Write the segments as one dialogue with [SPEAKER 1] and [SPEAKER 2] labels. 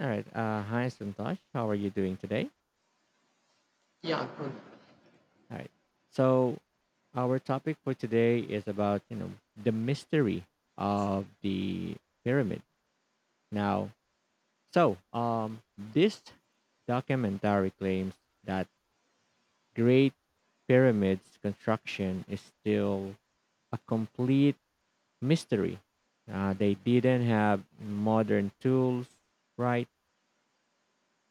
[SPEAKER 1] All right. Hi, Santosh. How are you doing today?
[SPEAKER 2] Yeah, good.
[SPEAKER 1] All right. So our topic for today is about the mystery of the pyramid. Now, so This documentary claims that Great Pyramid's construction is still a complete mystery. They didn't have modern tools, right?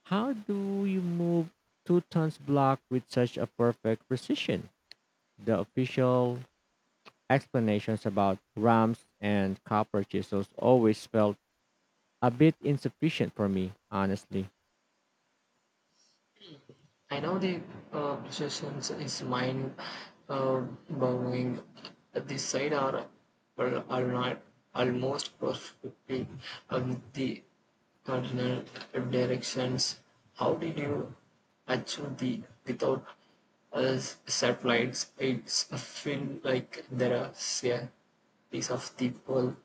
[SPEAKER 1] How do you move two tons block with such a perfect precision? The official explanations about ramps and copper chisels always felt a bit insufficient for me, honestly.
[SPEAKER 2] I know the obsessions is mind uh, bowing. This side are not almost perfectly the cardinal directions. How did you achieve the without satellites? It's I feel like there are a piece of the puzzle.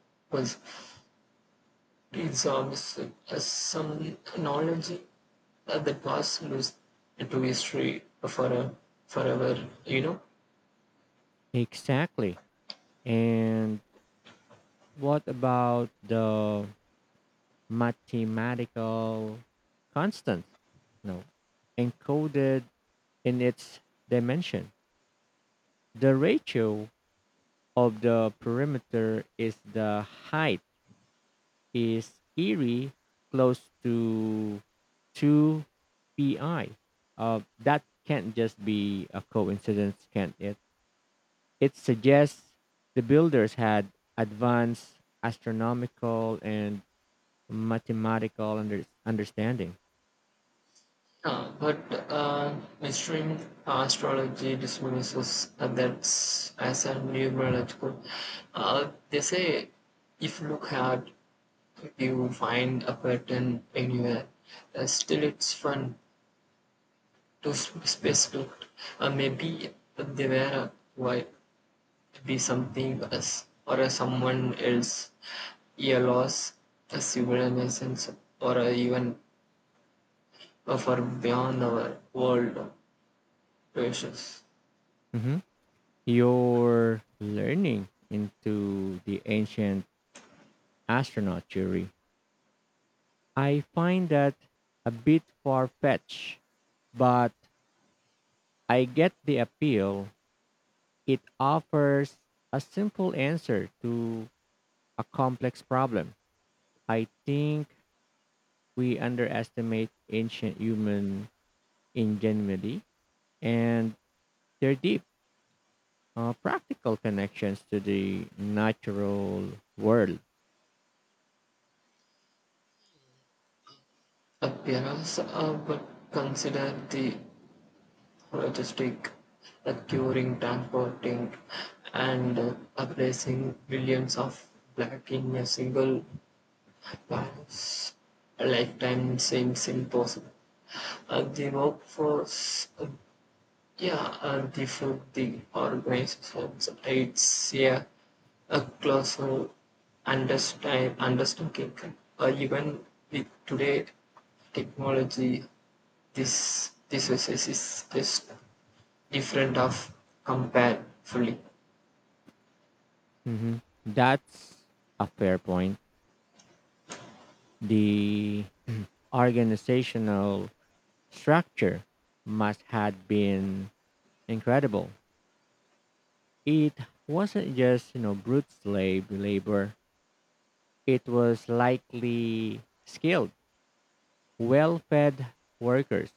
[SPEAKER 2] It absorbs some knowledge that was lost to history for, a forever,
[SPEAKER 1] Exactly. And what about the mathematical constants? No, encoded in its dimension. The ratio of the perimeter is the height is eerie close to 2 pi. That can't just be a coincidence, can't it? It suggests the builders had advanced astronomical and mathematical understanding.
[SPEAKER 2] But uh, mainstream astrology dismisses that as a numerological. They say if you look hard, you find a pattern anywhere. Still, it's fun to specific. Maybe they were why to be something else or a someone else, a loss, a civilization, or a even a far beyond our world precious
[SPEAKER 1] Mhm. You're learning into the ancient astronaut theory. I find that a bit far fetched, but I get the appeal. It offers a simple answer to a complex problem. I think we underestimate ancient human ingenuity and their deep practical connections to the natural world.
[SPEAKER 2] appearance, but consider the logistic, the curing, transporting, and placing billions of black in a single virus. A lifetime seems impossible. The workforce. Yeah, and the food the organizer it's a closer understanding even with today technology this process is just different of compare fully
[SPEAKER 1] Mhm. That's a fair point. The organizational structure must have been incredible. It wasn't just brute slave labor. It was likely skilled, well-fed workers.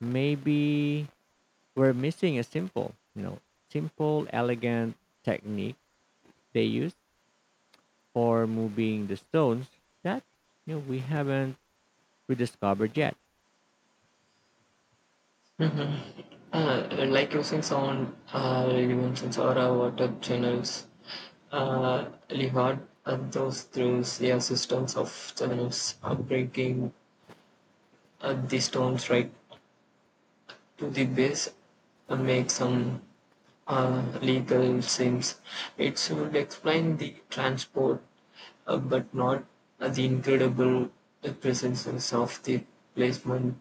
[SPEAKER 1] Maybe we're missing a simple, elegant technique they use for moving the stones that we haven't rediscovered yet.
[SPEAKER 2] uh, like using sound dimensions or water channels Lihard and those through yeah, systems of channels are breaking these stones right to the base and make some legal sense. It should explain the transport, but not the incredible presences of the placement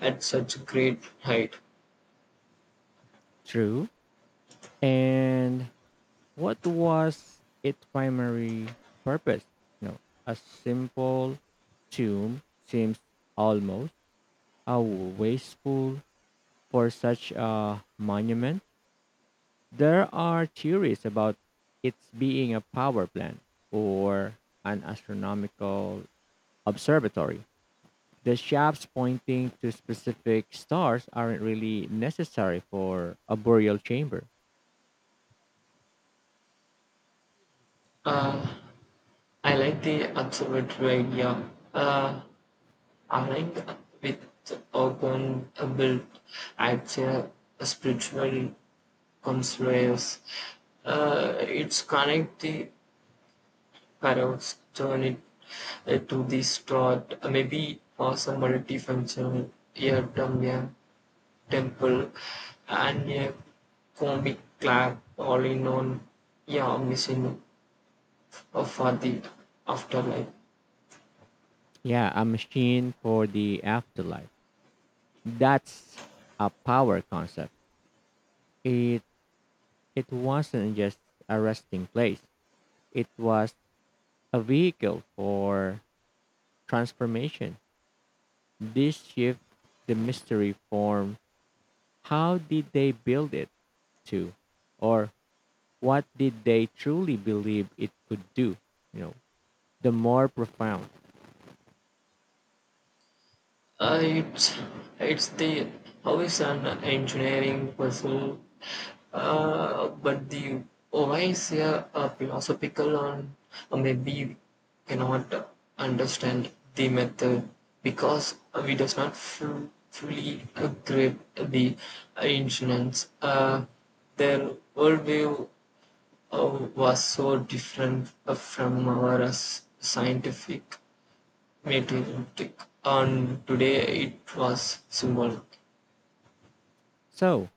[SPEAKER 2] at such great height.
[SPEAKER 1] True. And what was its primary purpose? You know, a simple tomb seems almost a wasteful for such a monument. There are theories about its being a power plant or an astronomical observatory. The shafts pointing to specific stars aren't really necessary for a burial chamber.
[SPEAKER 2] Uh, I like the observatory idea. Aligned with urban built at a spiritual conspiracy. It's connect the panels, turn it to this thought, maybe as a multifunctional ear a temple, and a comic club all in on, yeah, missing of for the afterlife.
[SPEAKER 1] Yeah, a machine for the afterlife. That's a power concept. It it wasn't just a resting place. It was a vehicle for transformation. This shift the mystery form. How did they build it to? Or what did they truly believe it could do? You know, the more profound.
[SPEAKER 2] Uh, it's it's the always an engineering puzzle, but the whys here are philosophical and maybe cannot understand the method because we does not fully grip the ancients. Their worldview uh, was so different from our scientific meeting and today it was symbolic.
[SPEAKER 1] So,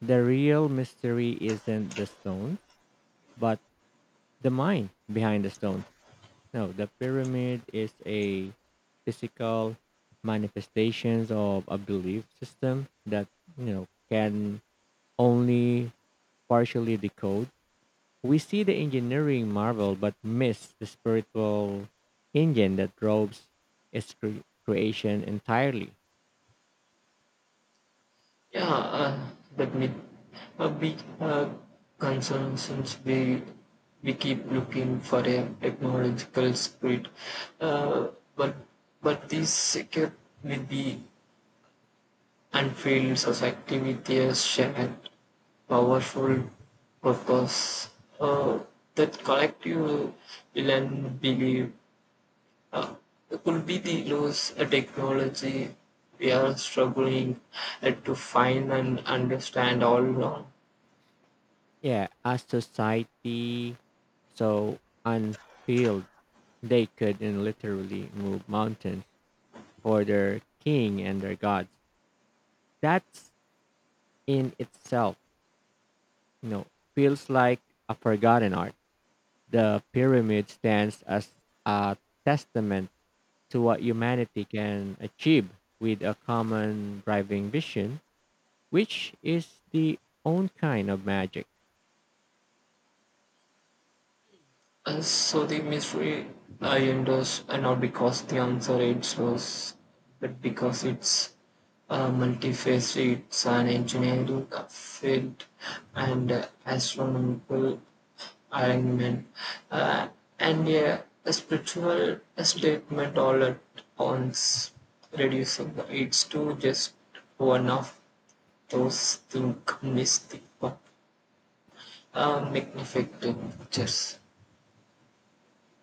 [SPEAKER 1] the real mystery isn't the stones, but the mind behind the stones. No, the pyramid is a physical manifestations of a belief system that can only partially decode. We see the engineering marvel but miss the spiritual engine that drives its creation entirely.
[SPEAKER 2] yeah uh, that me a big concern since we keep looking for a technological spirit uh, but but this kept with the unfilled society with a shared powerful purpose uh, that collective will and believe uh, could be the loss a technology we are struggling to find and understand all along.
[SPEAKER 1] Yeah, as society so unpeeled, they could in literally move mountains for their king and their gods. That's in itself, you know, feels like a forgotten art. The pyramid stands as a testament to what humanity can achieve with a common driving vision, which is the own kind of magic.
[SPEAKER 2] So the mystery I endorse and not because the answer it was, but because it's multifaceted. It's an engineering field and astronomical alignment uh, and yeah, a spiritual statement all at once, reducing it's to just one of those think mystic, but magnificent pictures.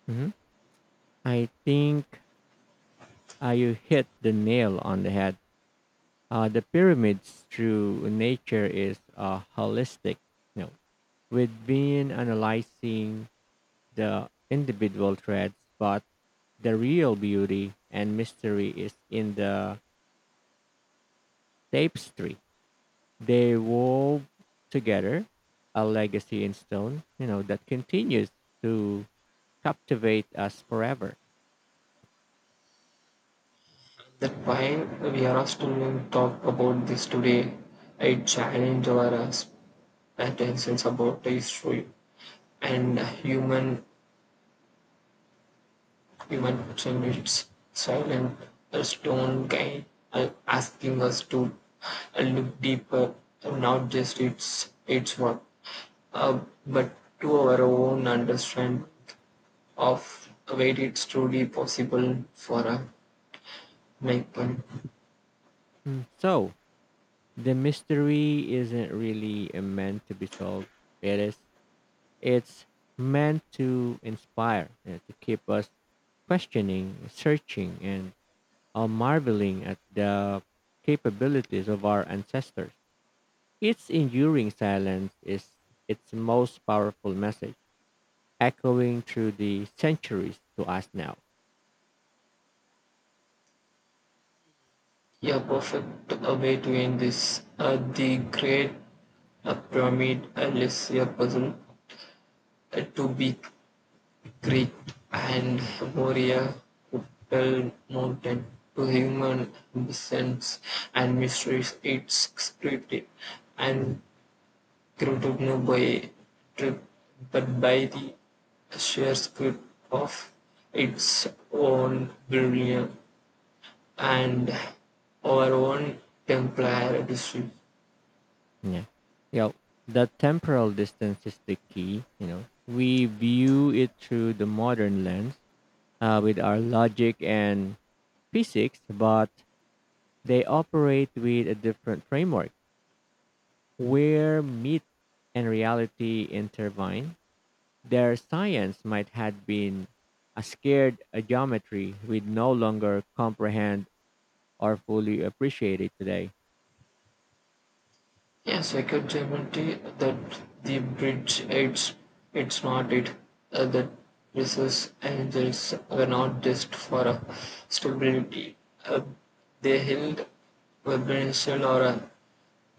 [SPEAKER 1] Mhm. I think you hit the nail on the head. The pyramids through nature is holistic, you know, with being analyzing the individual threads, but the real beauty and mystery is in the tapestry. They wove together a legacy in stone, that continues to captivate us forever.
[SPEAKER 2] That's why we are still talk about this today. I challenge our attentions about the history and human action. It's silent a stone guy asking us to look deeper, not just its work, uh, but to our own understanding of where it's truly possible for a maker.
[SPEAKER 1] Mm. So the mystery isn't really meant to be solved. It is. It's meant to inspire, you know, to keep us questioning, searching, and marveling at the capabilities of our ancestors. Its enduring silence is its most powerful message, echoing through the centuries to us now.
[SPEAKER 2] A perfect way to end this. The Great Pyramid is a puzzle to be Greek and Moria Hotel Mountain to human descents and mysteries. It's scripted and created not by trip, but by the sheer script of its own brilliant and our own Templar district.
[SPEAKER 1] Yeah. You know, the temporal distance is the key, you know. We view it through the modern lens with our logic and physics, but they operate with a different framework where myth and reality intertwine. Their science might have been a scared a geometry we no longer comprehend or fully appreciate it today.
[SPEAKER 2] Yes, I can guarantee that the bridge aids it's not it. Smarted. That Mrs. Angels were not just for stability. Uh, they held vibrational or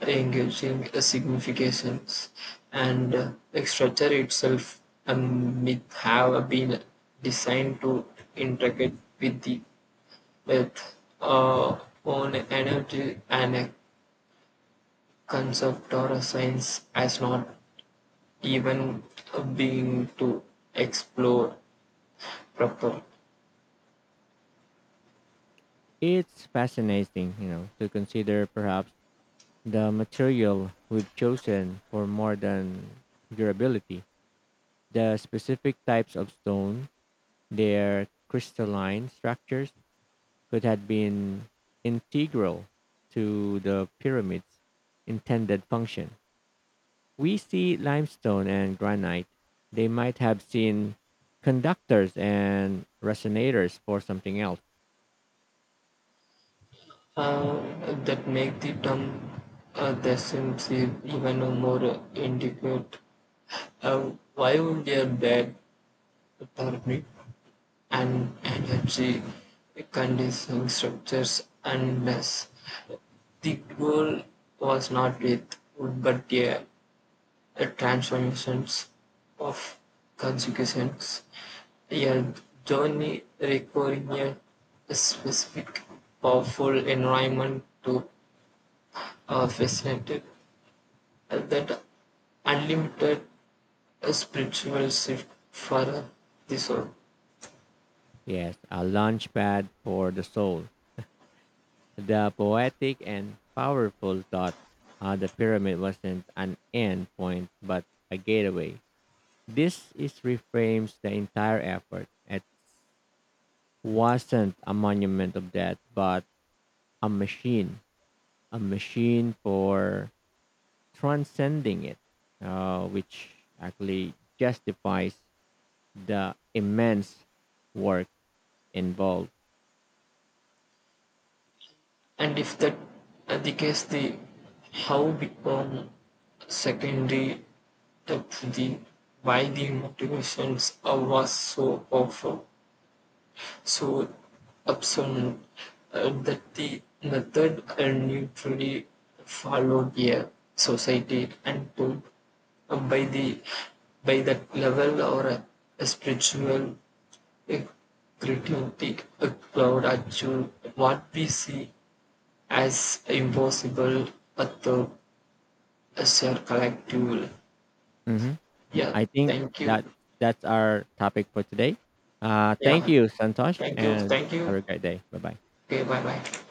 [SPEAKER 2] engaging significations and the structure itself um, may have been designed to integrate with the with uh, own energy and concept or a science has not even been to explore proper.
[SPEAKER 1] It's fascinating, you know, to consider perhaps the material we've chosen for more than durability, the specific types of stone, their crystalline structures could have been integral to the pyramid's intended function. We see limestone and granite. They might have seen conductors and resonators for something else.
[SPEAKER 2] That make the term the seem even more inadequate. Why would a bad therapy and energy conditioning structures unless the goal was not with wood but a the transformations of consequences are journey requiring a specific powerful environment to facilitate that unlimited spiritual shift for the soul.
[SPEAKER 1] Yes, a launch pad for the soul. The poetic and powerful thought, the pyramid wasn't an end point but a gateway. This is reframes the entire effort. It wasn't a monument of death but a machine, a machine for transcending it, which actually justifies the immense work involved.
[SPEAKER 2] And if that the case, the how become secondary to the why the motivations are was so powerful. So absent that the method and neutrally followed a society and took by the by that level or a spiritual uh, creativity a cloud achieve what we see as impossible at the as a collective will.
[SPEAKER 1] Mhm.
[SPEAKER 2] Yeah,
[SPEAKER 1] I think
[SPEAKER 2] thank you.
[SPEAKER 1] that's our topic for today. Thank
[SPEAKER 2] Yeah,
[SPEAKER 1] you, Santosh,
[SPEAKER 2] thank you,
[SPEAKER 1] and
[SPEAKER 2] thank you.
[SPEAKER 1] have a great day. Bye bye.
[SPEAKER 2] Okay, bye bye.